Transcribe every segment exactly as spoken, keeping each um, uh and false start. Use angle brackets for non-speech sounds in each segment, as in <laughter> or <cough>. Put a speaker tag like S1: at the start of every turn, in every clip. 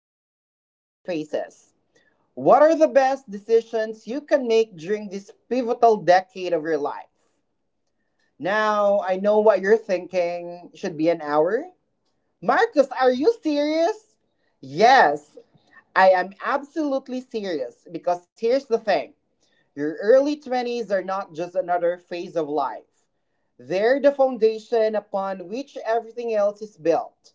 S1: early twenties faces. What are the best decisions you can make during this pivotal decade of your life? Now, I know what you're thinking. Should be an hour? Marcus, are you serious? Yes, I am absolutely serious because here's the thing, your early twenties are not just another phase of life, they're the foundation upon which everything else is built.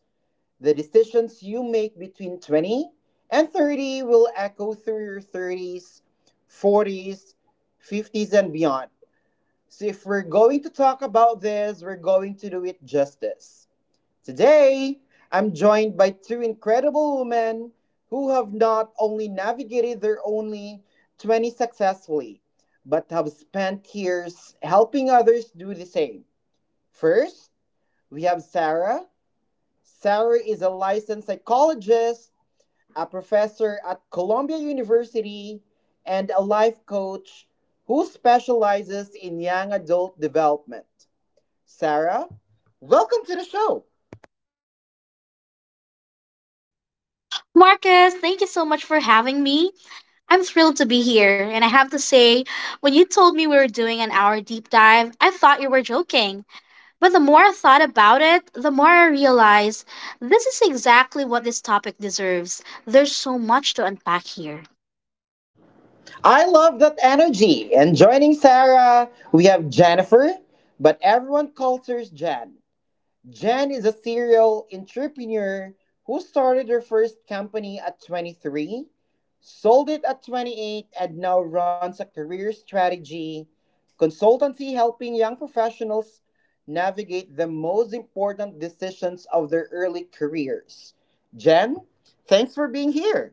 S1: The decisions you make between twenty and thirty will echo through your thirties, forties, fifties, and beyond. So, if we're going to talk about this, we're going to do it justice. Today, I'm joined by two incredible women who have not only navigated their only twenty successfully, but have spent years helping others do the same. First, we have Sarah. Sarah is a licensed psychologist, a professor at Columbia University, and a life coach who specializes in young adult development. Sarah, welcome to the show.
S2: Marcus, thank you so much for having me. I'm thrilled to be here. And I have to say, when you told me we were doing an hour deep dive, I thought you were joking. But the more I thought about it, the more I realized this is exactly what this topic deserves. There's so much to unpack here.
S1: I love that energy. And joining Sarah, we have Jennifer, but everyone calls her Jen. Jen is a serial entrepreneur who started her first company at twenty-three, sold it at twenty-eight, and now runs a career strategy consultancy helping young professionals navigate the most important decisions of their early careers. Jen, thanks for being here.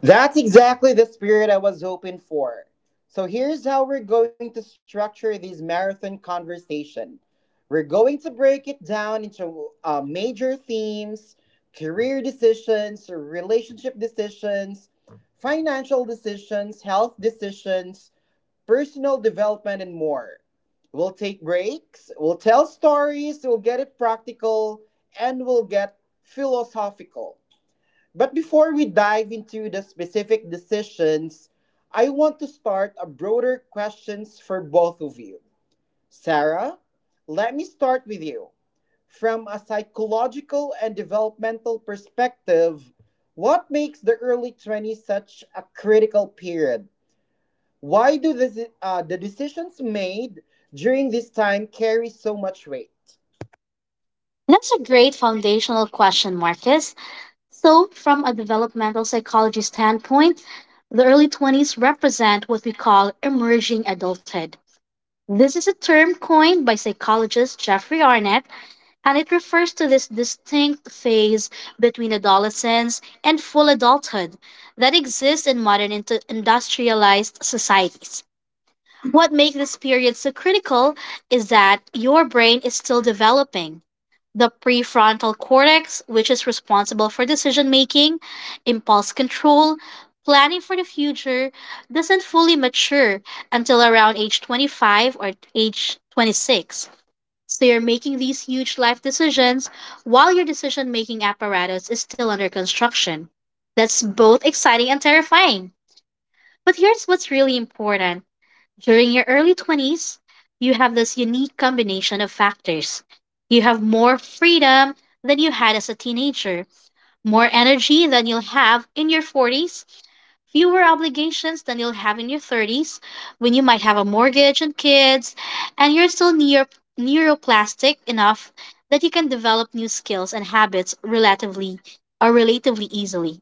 S1: That's exactly the spirit I was hoping for. So here's how we're going to structure this marathon conversation. We're going to break it down into uh, major themes: career decisions, relationship decisions, financial decisions, health decisions, personal development, and more. We'll take breaks, we'll tell stories, we'll get it practical, and we'll get philosophical. But before we dive into the specific decisions, I want to start a broader questions for both of you. Sarah, let me start with you. From a psychological and developmental perspective, what makes the early twenties such a critical period? Why do this, uh, the decisions made during this time carry so much weight?
S2: That's a great foundational question, Marcus. So, from a developmental psychology standpoint, the early twenties represent what we call emerging adulthood. This is a term coined by psychologist Jeffrey Arnett, and it refers to this distinct phase between adolescence and full adulthood that exists in modern indu- industrialized societies. What makes this period so critical is that your brain is still developing the prefrontal cortex, which is responsible for decision making, impulse control, planning for the future, doesn't fully mature until around age twenty-five or age twenty-six. So you're making these huge life decisions while your decision making apparatus is still under construction. That's both exciting and terrifying. But here's what's really important during your early twenties, you have this unique combination of factors. You have more freedom than you had as a teenager, more energy than you'll have in your forties, fewer obligations than you'll have in your thirties when you might have a mortgage and kids, and you're still near, neuroplastic enough that you can develop new skills and habits relatively or relatively easily.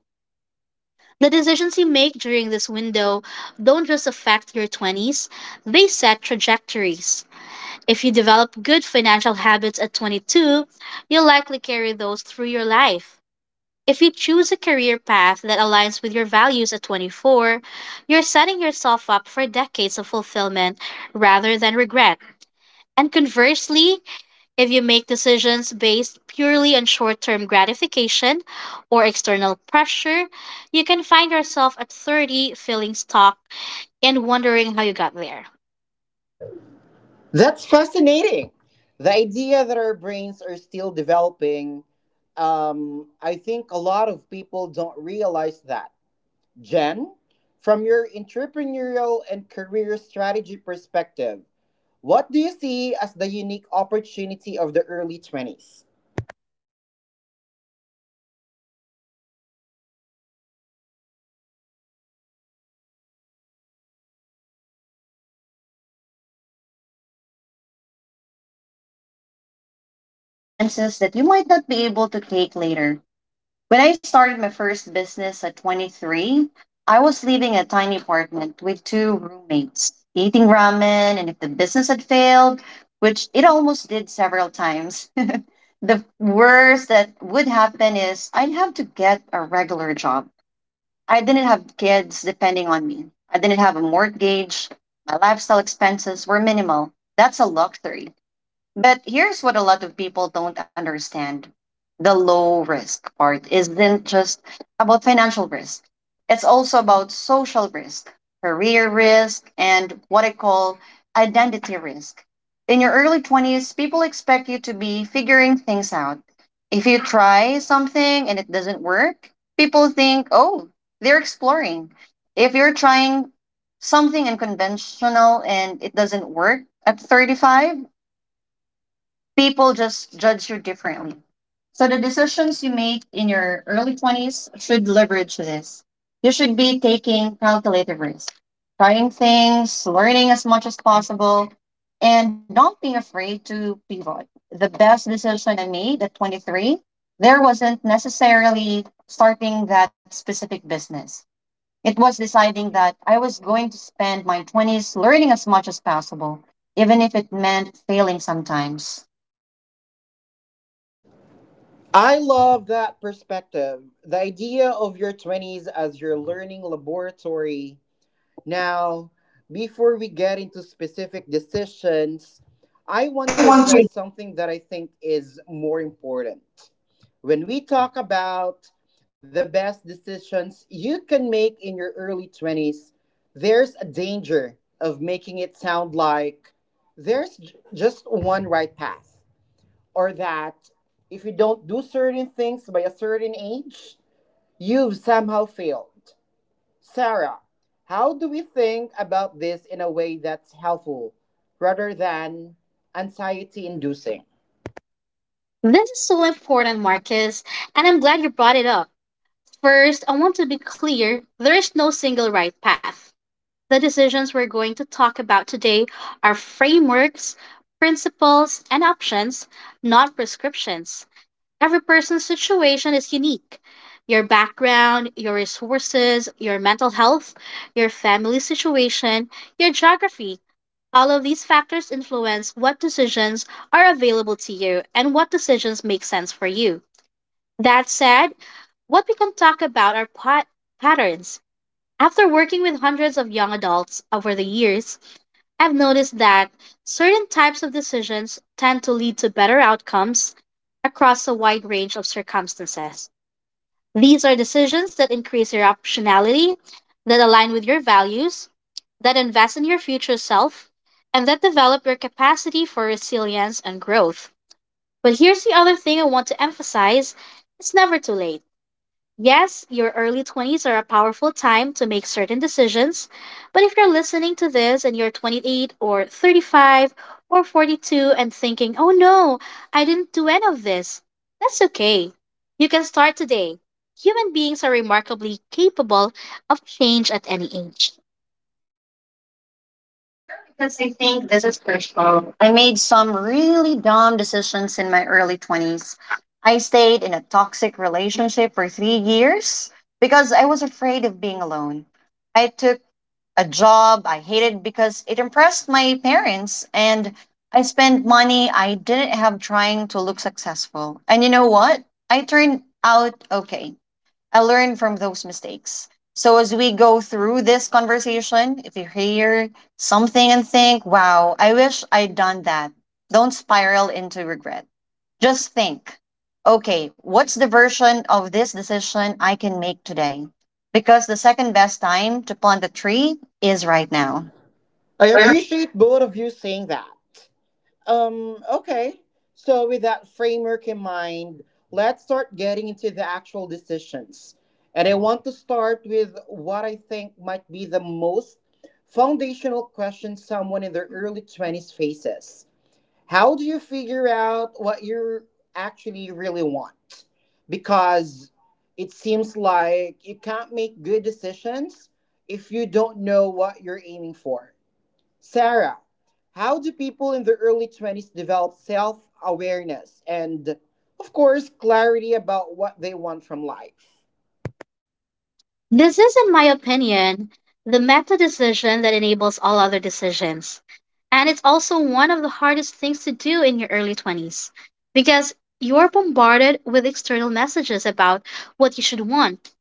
S2: The decisions you make during this window don't just affect your twenties, they set trajectories. If you develop good financial habits at twenty-two, you'll likely carry those through your life. If you choose a career path that aligns with your values at twenty-four, you're setting yourself up for decades of fulfillment rather than regret. And conversely, if you make decisions based purely on short term gratification or external pressure, you can find yourself at thirty feeling stuck and wondering how you got there.
S1: That's fascinating. The idea that our brains are still developing, um, I think a lot of people don't realize that. Jen, from your entrepreneurial and career strategy perspective, what do you see as the unique opportunity of the early twenties?
S2: Take chances that you might not be able to take later. When I started my first business at twenty-three, I was living in a tiny apartment with two roommates, eating ramen, and if the business had failed, which it almost did several times, <laughs> the worst that would happen is I'd have to get a regular job. I didn't have kids depending on me. I didn't have a mortgage. My lifestyle expenses were minimal. That's a luxury. But here's what a lot of people don't understand: the low risk part isn't just about financial risk, it's also about social risk, career risk, and what I call identity risk. In your early twenties, people expect you to be figuring things out. If you try something and it doesn't work, people think, oh, they're exploring. If you're trying something unconventional and it doesn't work at thirty-five, people just judge you differently. So the decisions you make in your early twenties should leverage this. You should be taking calculated risks, trying things, learning as much as possible, and not being afraid to pivot. The best decision I made at twenty-three, there wasn't necessarily starting that specific business. It was deciding that I was going to spend my twenties learning as much as possible, even if it meant failing sometimes.
S1: I love that perspective. The idea of your twenties as your learning laboratory Now, before we get into specific decisions, I want to address something that I think is more important. When we talk about the best decisions you can make in your early twenties, there's a danger of making it sound like there's j- just one right path, or that if you don't do certain things by a certain age, you've somehow failed. Sarah, how do we think about this in a way that's helpful rather than anxiety inducing?
S2: This is so important, Marcus, and I'm glad you brought it up. First, I want to be clear: there is no single right path. The decisions we're going to talk about today are frameworks, principles, and options, not prescriptions. Every person's situation is unique. Your background, your resources, your mental health, your family situation, your geography, all of these factors influence what decisions are available to you and what decisions make sense for you. That said, what we can talk about are pat- patterns. After working with hundreds of young adults over the years, I've noticed that certain types of decisions tend to lead to better outcomes across a wide range of circumstances. These are decisions that increase your optionality, that align with your values, that invest in your future self, and that develop your capacity for resilience and growth. But here's the other thing I want to emphasize: it's never too late. Yes, your early twenties are a powerful time to make certain decisions, but if you're listening to this and you're twenty-eight or thirty-five or forty-two and thinking, oh no, I didn't do any of this, that's okay. You can start today. Human beings are remarkably capable of change at any age. Because I think this is crucial. I made some really dumb decisions in my early twenties. I stayed in a toxic relationship for three years because I was afraid of being alone. I took a job I hated because it impressed my parents, and I spent money I didn't have trying to look successful. And you know what? I turned out okay. I learn from those mistakes. So as we go through this conversation, if you hear something and think, wow, I wish I'd done that, don't spiral into regret. Just think, okay, what's the version of this decision I can make today? Because the second best time to plant a tree is right now.
S1: I appreciate both of you saying that. Um, okay. So, with that framework in mind, let's start getting into the actual decisions. And I want to start with what I think might be the most foundational question someone in their early twenties faces How do you figure out what you actually really want? Because it seems like you can't make good decisions if you don't know what you're aiming for. Sarah, how do people in the early twenties develop self awareness and, of course, clarity about what they want from life?
S2: This is, in my opinion, the meta decision that enables all other decisions. And it's also one of the hardest things to do in your early twenties because you're bombarded with external messages about what you should want.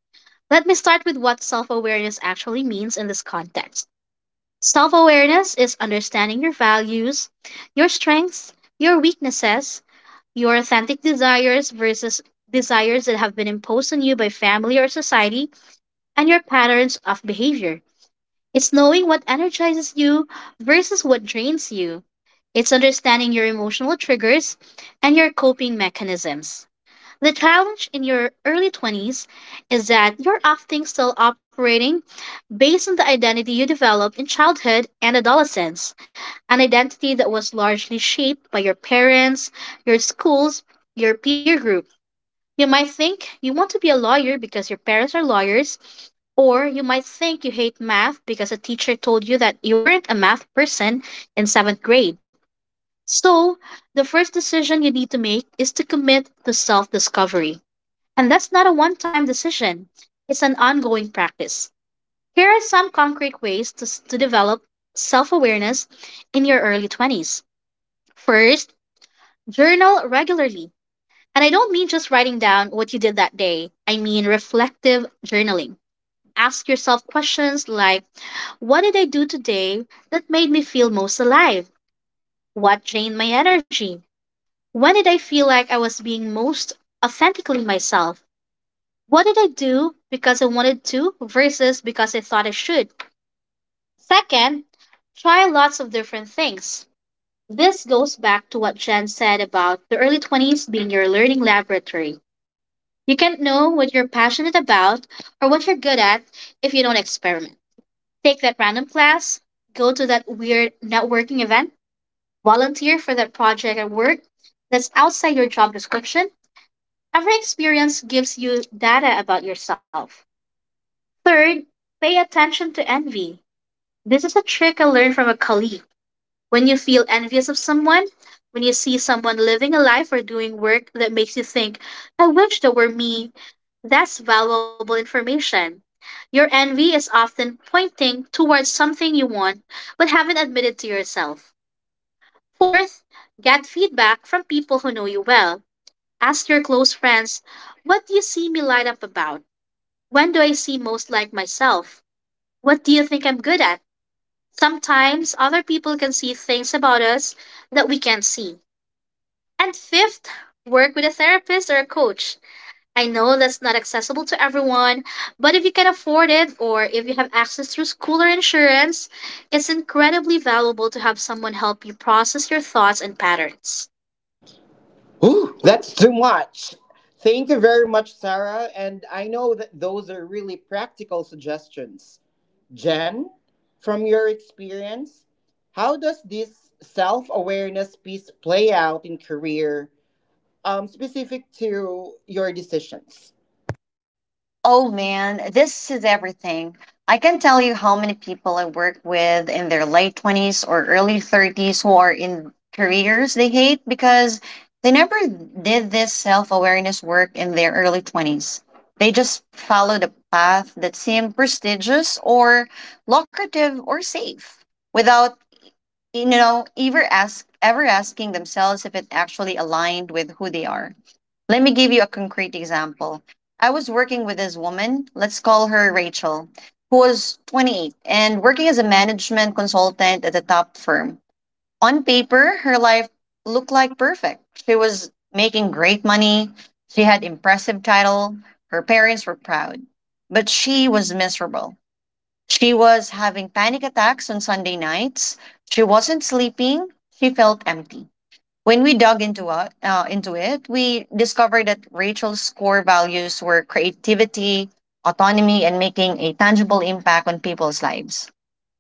S2: Let me start with what self awareness actually means in this context. Self awareness is understanding your values, your strengths, your weaknesses, your authentic desires versus desires that have been imposed on you by family or society and your patterns of behavior. It's knowing what energizes you versus what drains you. It's understanding your emotional triggers and your coping mechanisms. The challenge in your early twenties is that you're often still operating based on the identity you developed in childhood and adolescence, an identity that was largely shaped by your parents, your schools, your peer group. You might think you want to be a lawyer because your parents are lawyers, or you might think you hate math because a teacher told you that you weren't a math person in seventh grade. So, the first decision you need to make is to commit to self discovery. And that's not a one time decision, it's an ongoing practice. Here are some concrete ways to, s- to develop self awareness in your early twenties. First, journal regularly. And I don't mean just writing down what you did that day. I mean reflective journaling. Ask yourself questions like: What did I do today that made me feel most alive? What drained my energy? When did I feel like I was being most authentically myself? What did I do because I wanted to versus because I thought I should? Second, try lots of different things. This goes back to what Jen said about the early twenties being your learning laboratory. You can't know what you're passionate about or what you're good at if you don't experiment. Take that random class, go to that weird networking event, volunteer for that project at work that's outside your job description. Every experience gives you data about yourself. Third, pay attention to envy. This is a trick I learned from a colleague. When you feel envious of someone, when you see someone living a life or doing work that makes you think, I wish that were me, that's valuable information. Your envy is often pointing towards something you want but haven't admitted to yourself. Fourth, get feedback from people who know you well. Ask your close friends, What do you see me light up about? When do I seem most like myself? What do you think I'm good at? Sometimes other people can see things about us that we can't see. And fifth, work with a therapist or a coach. I know that's not accessible to everyone, but if you can afford it or if you have access through school or insurance, it's incredibly valuable to have someone help you process your thoughts and patterns.
S1: Ooh, that's too much. Thank you very much, Sarah. And I know that those are really practical suggestions. Jen, from your experience, how does this self awareness piece play out in career, um, specific to your decisions?
S2: Oh man, this is everything. I can tell you how many people I work with in their late twenties or early thirties who are in careers they hate because they never did this self awareness work in their early twenties. They just followed a path that seemed prestigious or lucrative or safe without, you know, ever, ask, ever asking themselves if it actually aligned with who they are. Let me give you a concrete example. I was working with this woman, let's call her Rachel, who was twenty-eight and working as a management consultant at a top firm. On paper, her life looked like perfect. She was making great money, she had impressive title, her parents were proud. But she was miserable. She was having panic attacks on Sunday nights. She wasn't sleeping. She felt empty. When we dug into it, uh, into it, we discovered that Rachel's core values were creativity, autonomy, and making a tangible impact on people's lives.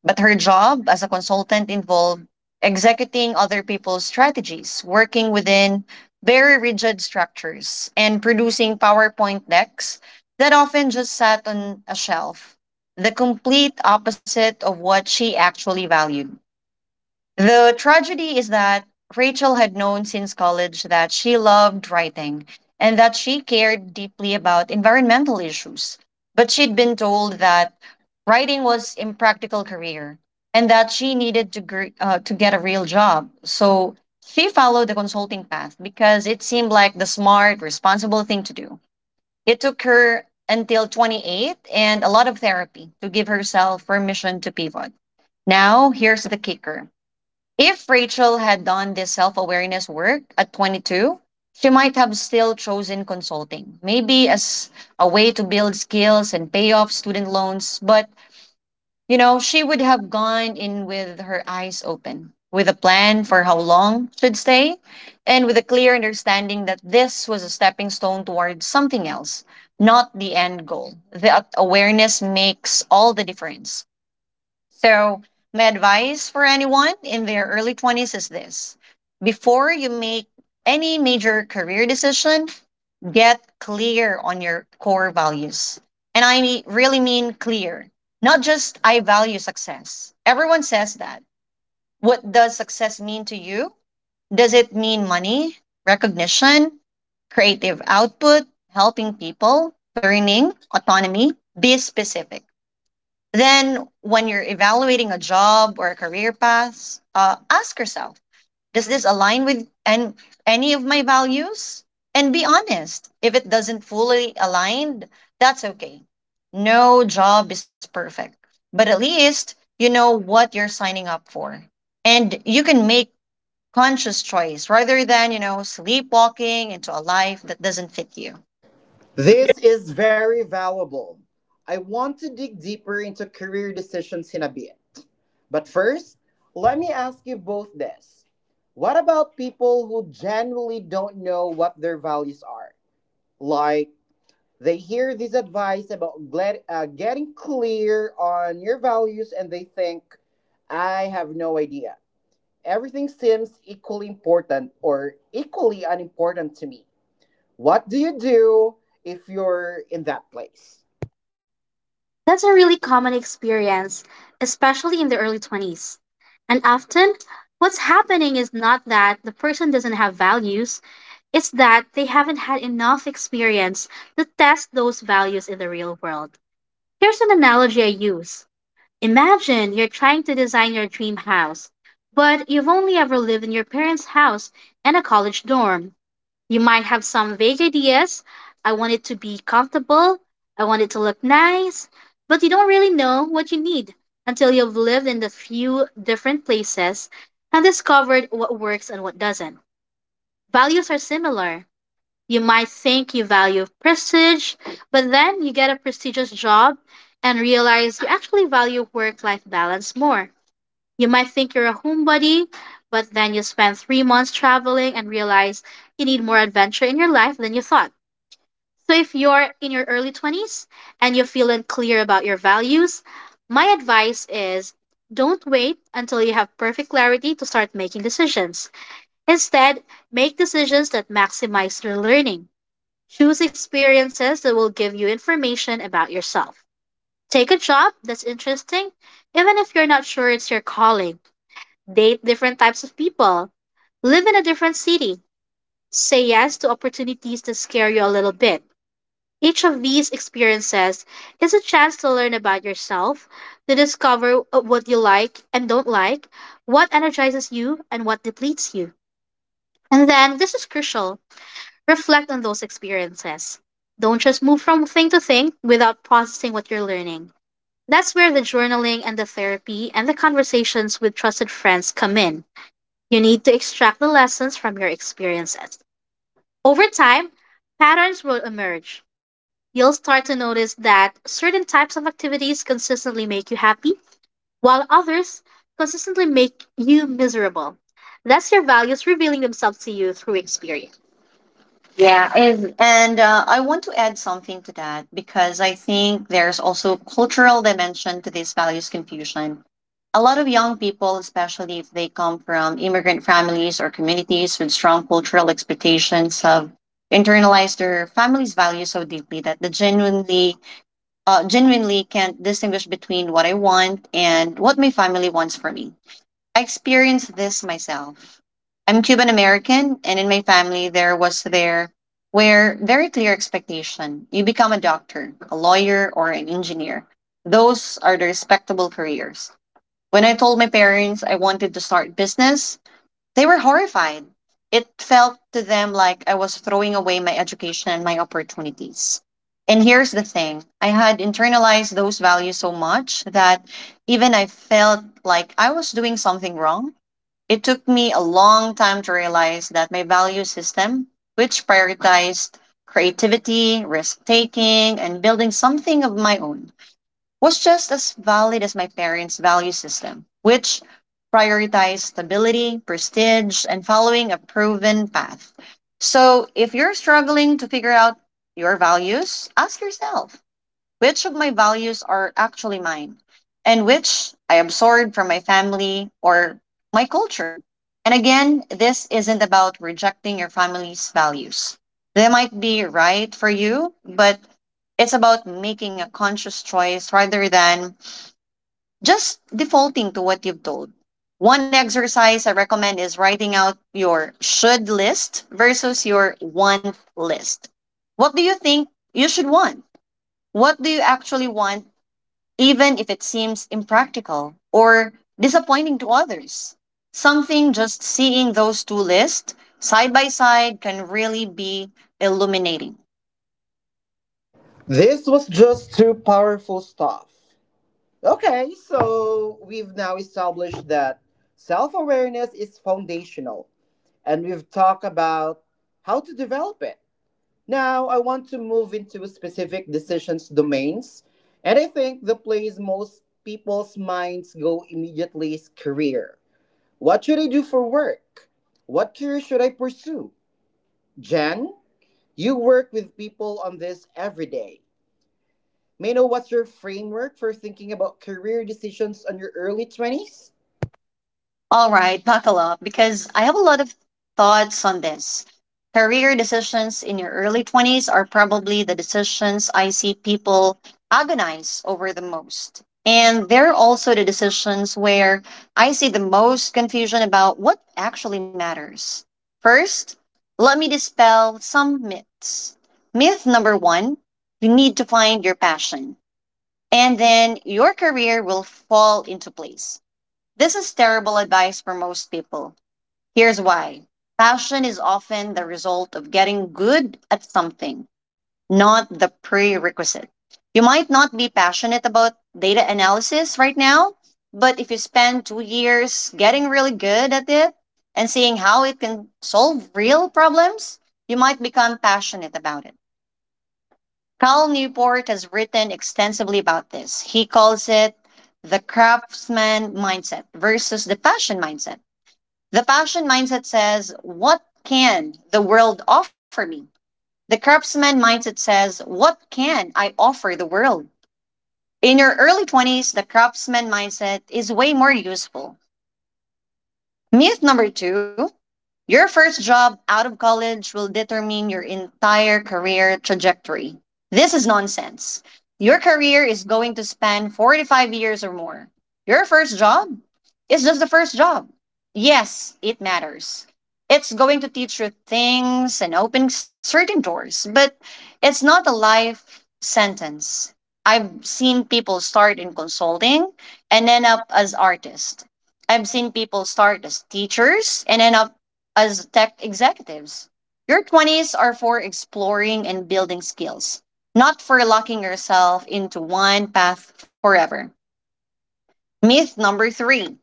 S2: But her job as a consultant involved executing other people's strategies, working within very rigid structures, and producing PowerPoint decks that often just sat on a shelf, the complete opposite of what she actually valued. The tragedy is that Rachel had known since college that she loved writing and that she cared deeply about environmental issues. But she'd been told that writing was impractical career and that she needed to gr- uh, to get a real job. So she followed the consulting path because it seemed like the smart, responsible thing to do. It took her until twenty-eight and a lot of therapy to give herself permission to pivot. Now, here's the kicker. If Rachel had done this self awareness work at twenty-two, she might have still chosen consulting, maybe as a way to build skills and pay off student loans. But, you know, she would have gone in with her eyes open, with a plan for how long she'd stay, and with a clear understanding that this was a stepping stone towards something else, not the end goal. That awareness makes all the difference. So, my advice for anyone in their early twenties is this: before you make any major career decision, get clear on your core values. And I me- really mean clear, not just "I value success." Everyone says that. What does success mean to you? Does it mean money, recognition, creative output, helping people, learning, autonomy? Be specific. Then, when you're evaluating a job or a career path, uh, ask yourself: does this align with an- any of my values? And be honest. If it doesn't fully align, that's okay. No job is perfect, but at least you know what you're signing up for. And you can make conscious choice rather than, you know, sleepwalking into a life that doesn't fit you.
S1: This is very valuable. I want to dig deeper into career decisions in a bit. But first, let me ask you both this. What about people who generally don't know what their values are? Like, they hear this advice about glad, uh, getting clear on your values and they think, I have no idea. Everything seems equally important or equally unimportant to me. What do you do if you're in that place?
S2: That's a really common experience, especially in the early twenties. And often, what's happening is not that the person doesn't have values, it's that they haven't had enough experience to test those values in the real world. Here's an analogy I use: imagine you're trying to design your dream house, but you've only ever lived in your parents' house and a college dorm. You might have some vague ideas. I want it to be comfortable. I want it to look nice. But you don't really know what you need until you've lived in a few different places and discovered what works and what doesn't. Values are similar. You might think you value prestige, but then you get a prestigious job and realize you actually value work life balance more. You might think you're a homebody, but then you spend three months traveling and realize you need more adventure in your life than you thought. So, if you're in your early twenties and you feel unclear about your values, my advice is: don't wait until you have perfect clarity to start making decisions. Instead, make decisions that maximize your learning. Choose experiences that will give you information about yourself. Take a job that's interesting, even if you're not sure it's your calling. Date different types of people, live in a different city, say yes to opportunities that scare you a little bit. Each of these experiences is a chance to learn about yourself, to discover uh, what you like and don't like, what energizes you and what depletes you. And then, this is crucial: reflect on those experiences. Don't just move from thing to thing without processing what you're learning. That's where the journaling and the therapy and the conversations with trusted friends come in. You need to extract the lessons from your experiences. Over time, patterns will emerge. You'll start to notice that certain types of activities consistently make you happy, while others consistently make you miserable. That's your values revealing themselves to you through experience. Yeah, and, and uh, I want to add something to that, because I think there's also cultural dimension to this values confusion. A lot of young people, especially if they come from immigrant families or communities with strong cultural expectations, have internalized their family's values so deeply that they genuinely, uh, genuinely can't distinguish between what I want and what my family wants for me. I experienced this myself. I'm Cuban American, and in my family, there was there where very clear expectation. You become a doctor, a lawyer, or an engineer. Those are the respectable careers. When I told my parents I wanted to start business, they were horrified. It felt to them like I was throwing away my education and my opportunities. And here's the thing: I had internalized those values so much that even I felt like I was doing something wrong. It took me a long time to realize that my value system, which prioritized creativity, risk taking, and building something of my own, was just as valid as my parents' value system, which prioritized stability, prestige, and following a proven path. So if you're struggling to figure out your values, ask yourself: which of my values are actually mine, and which I absorb from my family or my culture? And again, this isn't about rejecting your family's values. They might be right for you, but it's about making a conscious choice rather than just defaulting to what you've told. One exercise I recommend is writing out your should list versus your want list. What do you think you should want? What do you actually want, even if it seems impractical or disappointing to others? Something just seeing those two lists side by side can really be illuminating.
S1: This was just too powerful stuff. Okay, so we've now established that self awareness is foundational, and we've talked about how to develop it. Now, I want to move into specific decisions domains, and I think the place most people's minds go immediately is career. What should I do for work? What career should I pursue? Jen, you work with people on this every day. May I know what's your framework for thinking about career decisions on your early twenties?
S2: All right, buckle up, because I have a lot of thoughts on this. Career decisions in your early twenties are probably the decisions I see people agonize over the most. And they're also the decisions where I see the most confusion about what actually matters. First, let me dispel some myths. Myth number one: you need to find your passion, and then your career will fall into place. This is terrible advice for most people. Here's why: passion is often the result of getting good at something, not the prerequisite. You might not be passionate about data analysis right now, but if you spend two years getting really good at it and seeing how it can solve real problems, you might become passionate about it. Cal Newport has written extensively about this. He calls it the craftsman mindset versus the passion mindset. The passion mindset says, "What can the world offer me?" The craftsman mindset says, "What can I offer the world?" In your early twenties, the craftsman mindset is way more useful. Myth number two: your first job out of college will determine your entire career trajectory. This is nonsense. Your career is going to span forty-five years or more. Your first job is just the first job. Yes, it matters. It's going to teach you things and open certain doors, but it's not a life sentence. I've seen people start in consulting and end up as artists. I've seen people start as teachers and end up as tech executives. Your twenties are for exploring and building skills, not for locking yourself into one path forever. Myth number three: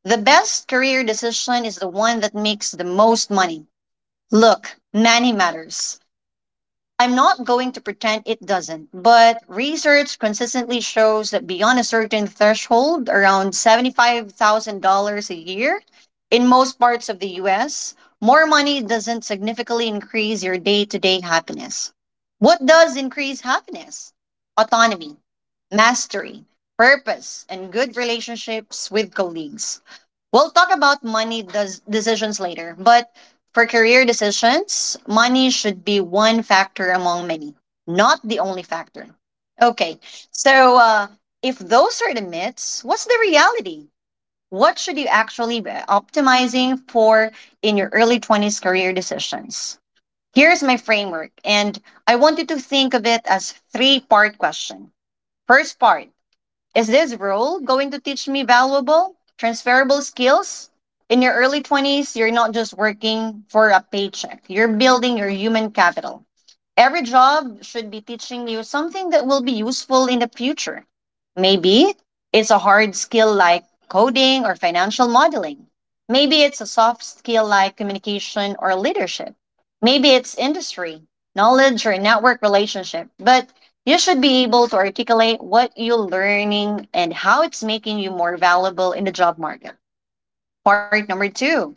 S2: the best career decision is the one that makes the most money. Look, money matters. I'm not going to pretend it doesn't, but research consistently shows that beyond a certain threshold, around seventy-five thousand dollars a year, in most parts of the U S, more money doesn't significantly increase your day to day happiness. What does increase happiness? Autonomy, mastery, purpose, and good relationships with colleagues. We'll talk about money does decisions later, but for career decisions, money should be one factor among many, not the only factor. Okay, so uh, if those are the myths, what's the reality? What should you actually be optimizing for in your early twenties career decisions? Here's my framework, and I want you to think of it as three part question. First part, is this role going to teach me valuable, transferable skills? In your early twenties, you're not just working for a paycheck, you're building your human capital. Every job should be teaching you something that will be useful in the future. Maybe it's a hard skill like coding or financial modeling. Maybe it's a soft skill like communication or leadership. Maybe it's industry, knowledge, or network relationship. But you should be able to articulate what you're learning and how it's making you more valuable in the job market. Part number two: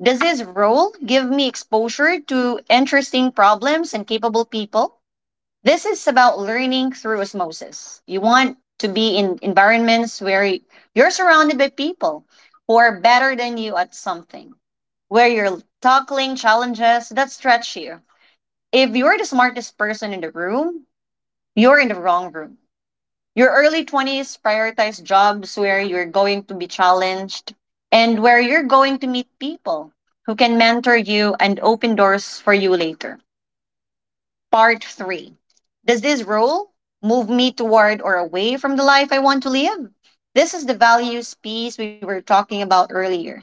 S2: does this role give me exposure to interesting problems and capable people? This is about learning through osmosis. You want to be in environments where y- you're surrounded by people who are better than you at something, where you're tackling challenges that stretch you. If you're the smartest person in the room, you're in the wrong room. Your early twenties, prioritize jobs where you're going to be challenged and where you're going to meet people who can mentor you and open doors for you later. Part three, does this role move me toward or away from the life I want to live? This is the values piece we were talking about earlier.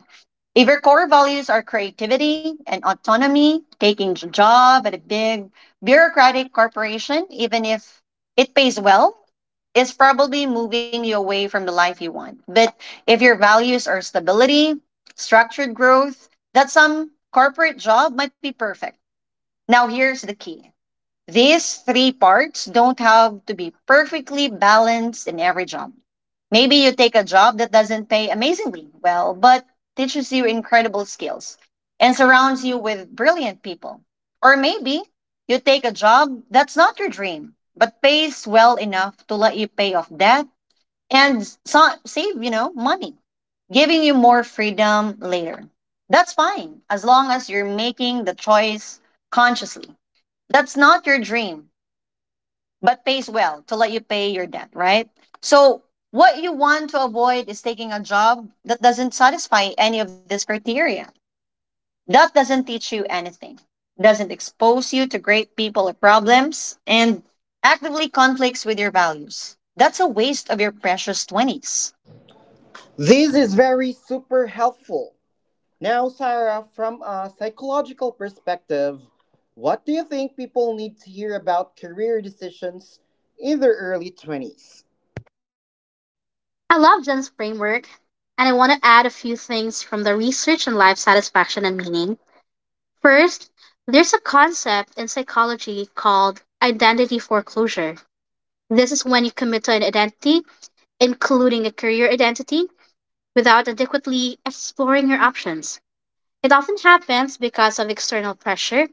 S2: If your core values are creativity and autonomy, taking a job at a big bureaucratic corporation, even if it pays well, is probably moving you away from the life you want. But if your values are stability, structured growth, that some corporate job might be perfect. Now, here's the key: these three parts don't have to be perfectly balanced in every job. Maybe you take a job that doesn't pay amazingly well, but teaches you incredible skills and surrounds you with brilliant people. Or maybe you take a job that's not your dream, but pays well enough to let you pay off debt and sa- save, you know, money, giving you more freedom later. That's fine as long as you're making the choice consciously. That's not your dream, but pays well to let you pay your debt, right? So, what you want to avoid is taking a job that doesn't satisfy any of these criteria. That doesn't teach you anything, doesn't expose you to great people or problems, and actively conflicts with your values. That's a waste of your precious twenties.
S1: This is very super helpful Now, Sarah, from a psychological perspective, what do you think people need to hear about career decisions in their early twenties?
S2: I love Jen's framework, and I want to add a few things from the research on life satisfaction and meaning. First, there's a concept in psychology called identity foreclosure. This is when you commit to an identity, including a career identity, without adequately exploring your options. It often happens because of external pressure.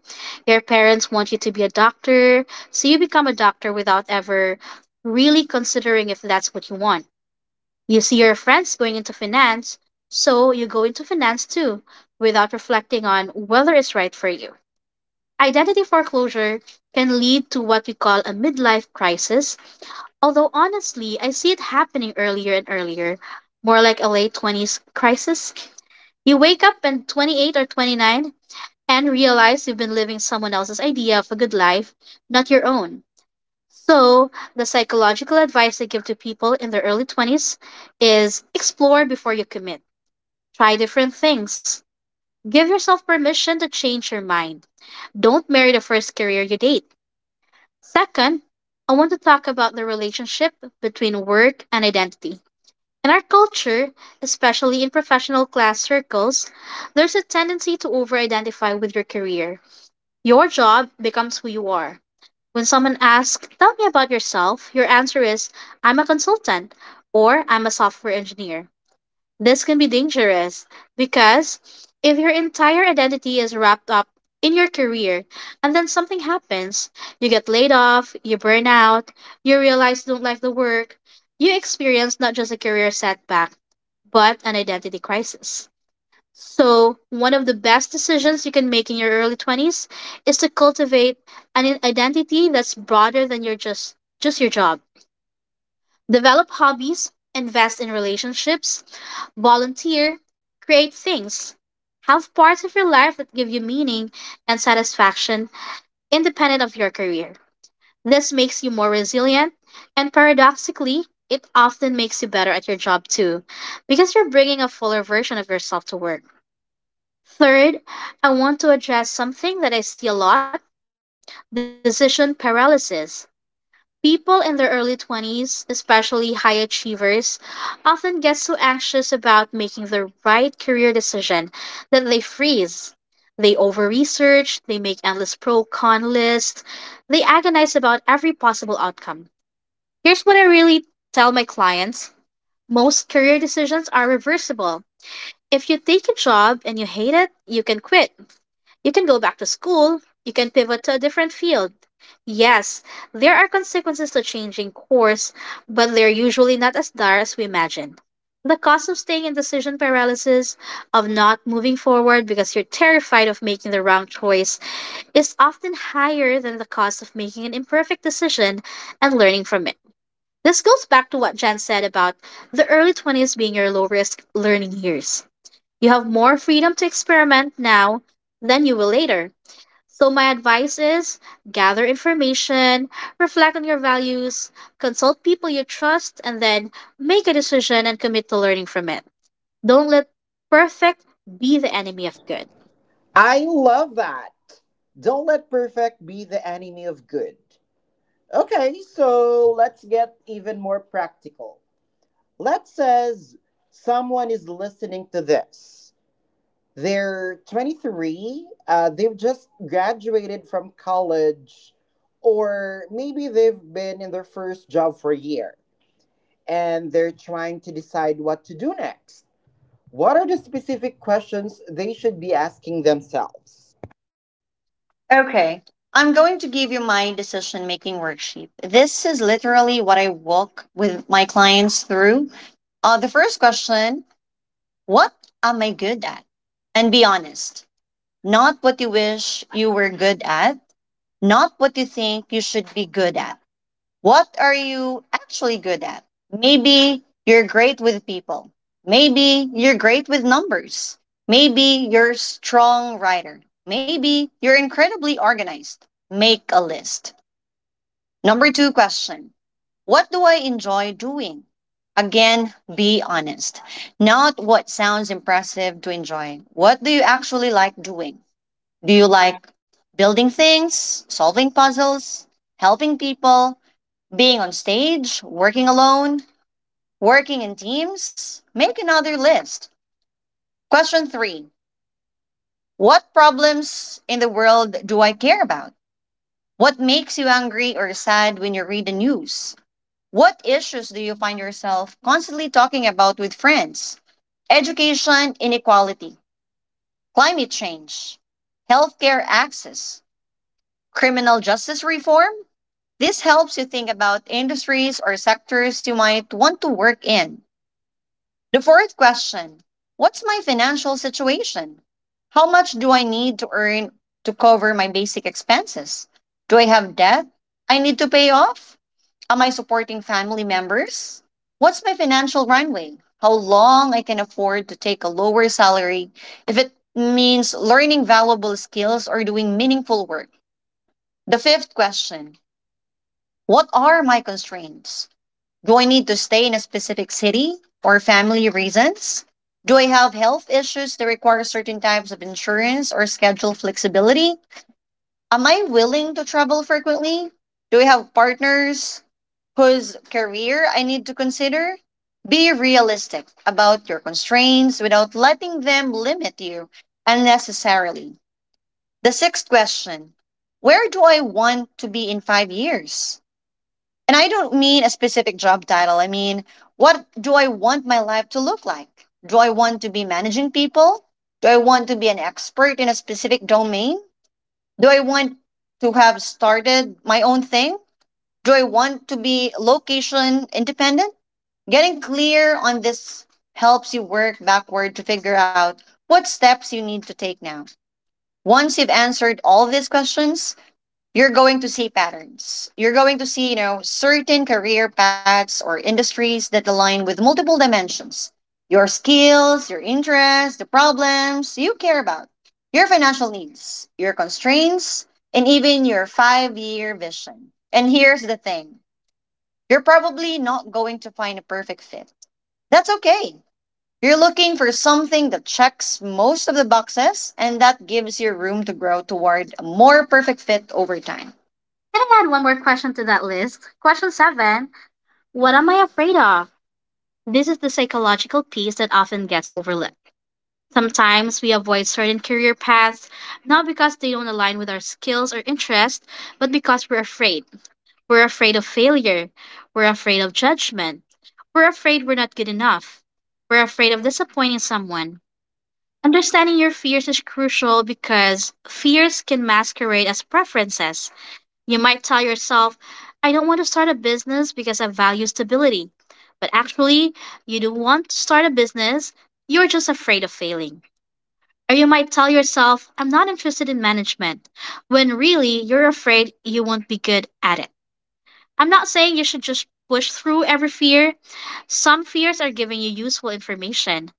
S2: Your parents want you to be a doctor, so you become a doctor without ever really considering if that's what you want. You see your friends going into finance, so you go into finance too, without reflecting on whether it's right for you. Identity foreclosure can lead to what we call a midlife crisis, although honestly, I see it happening earlier and earlier, more like a late twenties crisis. You wake up and twenty-eight or twenty-nine and realize you've been living someone else's idea of a good life, not your own. So, the psychological advice I give to people in their early twenties is explore before you commit. Try different things. Give yourself permission to change your mind. Don't marry the first career you date. Second, I want to talk about the relationship between work and identity. In our culture, especially in professional class circles, there's a tendency to over identify with your career. Your job becomes who you are. When someone asks, "Tell me about yourself," your answer is, "I'm a consultant," or "I'm a software engineer." This can be dangerous because if your entire identity is wrapped up in your career and then something happens, you get laid off, you burn out, you realize you don't like the work, you experience not just a career setback, but an identity crisis. So, one of the best decisions you can make in your early twenties is to cultivate an identity that's broader than your just just your job. Develop hobbies, invest in relationships, volunteer, create things, have parts of your life that give you meaning and satisfaction independent of your career. This makes you more resilient, and paradoxically, it often makes you better at your job too, because you're bringing a fuller version of yourself to work. Third, I want to address something that I see a lot: decision paralysis. People in their early twenties, especially high achievers, often get so anxious about making the right career decision that they freeze. They over research, they make endless pro con lists, they agonize about every possible outcome. Here's what I really tell my clients: most career decisions are reversible. If you take a job and you hate it, you can quit. You can go back to school. You can pivot to a different field. Yes, there are consequences to changing course, but they're usually not as dire as we imagine. The cost of staying in decision paralysis, of not moving forward because you're terrified of making the wrong choice, is often higher than the cost of making an imperfect decision and learning from it. This goes back to what Jen said about the early twenties being your low risk learning years. You have more freedom to experiment now than you will later. So, my advice is: gather information, reflect on your values, consult people you trust, and then make a decision and commit to learning from it. Don't let perfect be the enemy of good.
S1: I love that. Don't let perfect be the enemy of good. Okay, so let's get even more practical. Let's say someone is listening to this. They're twenty-three. Uh, they've just graduated from college, or maybe they've been in their first job for a year and they're trying to decide what to do next. What are the specific questions they should be asking themselves?
S2: Okay. I'm going to give you my decision making worksheet. This is literally what I walk with my clients through. Uh, the first question: what am I good at? And be honest, not what you wish you were good at, not what you think you should be good at. What are you actually good at? Maybe you're great with people. Maybe you're great with numbers. Maybe you're a strong writer. Maybe you're incredibly organized. Make a list. Number two question: what do I enjoy doing? Again, be honest. Not what sounds impressive to enjoy. What do you actually like doing? Do you like building things, solving puzzles, helping people, being on stage, working alone, working in teams? Make another list. Question three: what problems in the world do I care about? What makes you angry or sad when you read the news? What issues do you find yourself constantly talking about with friends? Education inequality, climate change, healthcare access, criminal justice reform? This helps you think about industries or sectors you might want to work in. The fourth question: what's my financial situation? How much do I need to earn to cover my basic expenses? Do I have debt I need to pay off? Am I supporting family members? What's my financial runway? How long I can afford to take a lower salary if it means learning valuable skills or doing meaningful work? The fifth question: what are my constraints? Do I need to stay in a specific city or family reasons? Do I have health issues that require certain types of insurance or schedule flexibility? Am I willing to travel frequently? Do I have partners whose career I need to consider? Be realistic about your constraints without letting them limit you unnecessarily. The sixth question: where do I want to be in five years? And I don't mean a specific job title. I mean, what do I want my life to look like? Do I want to be managing people? Do I want to be an expert in a specific domain? Do I want to have started my own thing? Do I want to be location independent? Getting clear on this helps you work backward to figure out what steps you need to take now. Once you've answered all these questions, you're going to see patterns. You're going to see, you know, certain career paths or industries that align with multiple dimensions: your skills, your interests, the problems you care about, your financial needs, your constraints, and even your five year vision. And here's the thing: you're probably not going to find a perfect fit. That's okay. You're looking for something that checks most of the boxes and that gives you room to grow toward a more perfect fit over time. Can I add one more question to that list? Question seven: what am I afraid of? This is the psychological piece that often gets overlooked. Sometimes we avoid certain career paths, not because they don't align with our skills or interests, but because we're afraid. We're afraid of failure. We're afraid of judgment. We're afraid we're not good enough. We're afraid of disappointing someone. Understanding your fears is crucial because fears can masquerade as preferences. You might tell yourself, "I don't want to start a business because I value stability." But actually, you do want to start a business, you're just afraid of failing. Or you might tell yourself, "I'm not interested in management," when really you're afraid you won't be good at it. I'm not saying you should just push through every fear. Some fears are giving you useful information,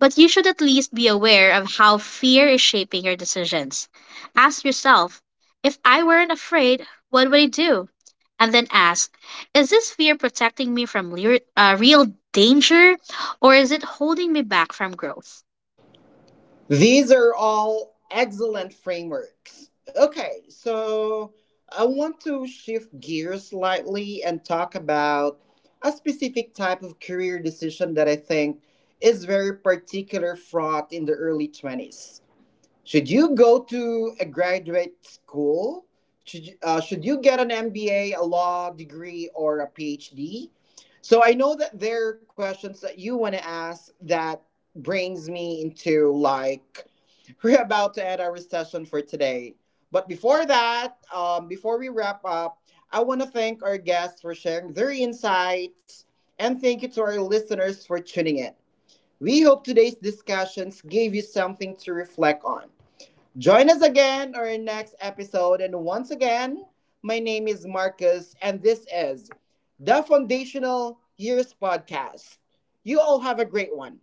S2: but you should at least be aware of how fear is shaping your decisions. Ask yourself, if I weren't afraid, what would I do? And then ask, is this fear protecting me from le- uh, real danger, or is it holding me back from growth?
S1: These are all excellent frameworks. Okay, so I want to shift gears slightly and talk about a specific type of career decision that I think is very particular fraught in the early twenties. Should you go to a graduate school? Should you, uh, should you get an M B A, a a law degree, or a P H D? So I know that there are questions that you want to ask that brings me into, like, we're about to end our session for today. But before that, um, before we wrap up, I want to thank our guests for sharing their insights and thank you to our listeners for tuning in. We hope today's discussions gave you something to reflect on. Join us again on our next episode. And once again, my name is Marcus, and this is the Foundational Years Podcast. You all have a great one.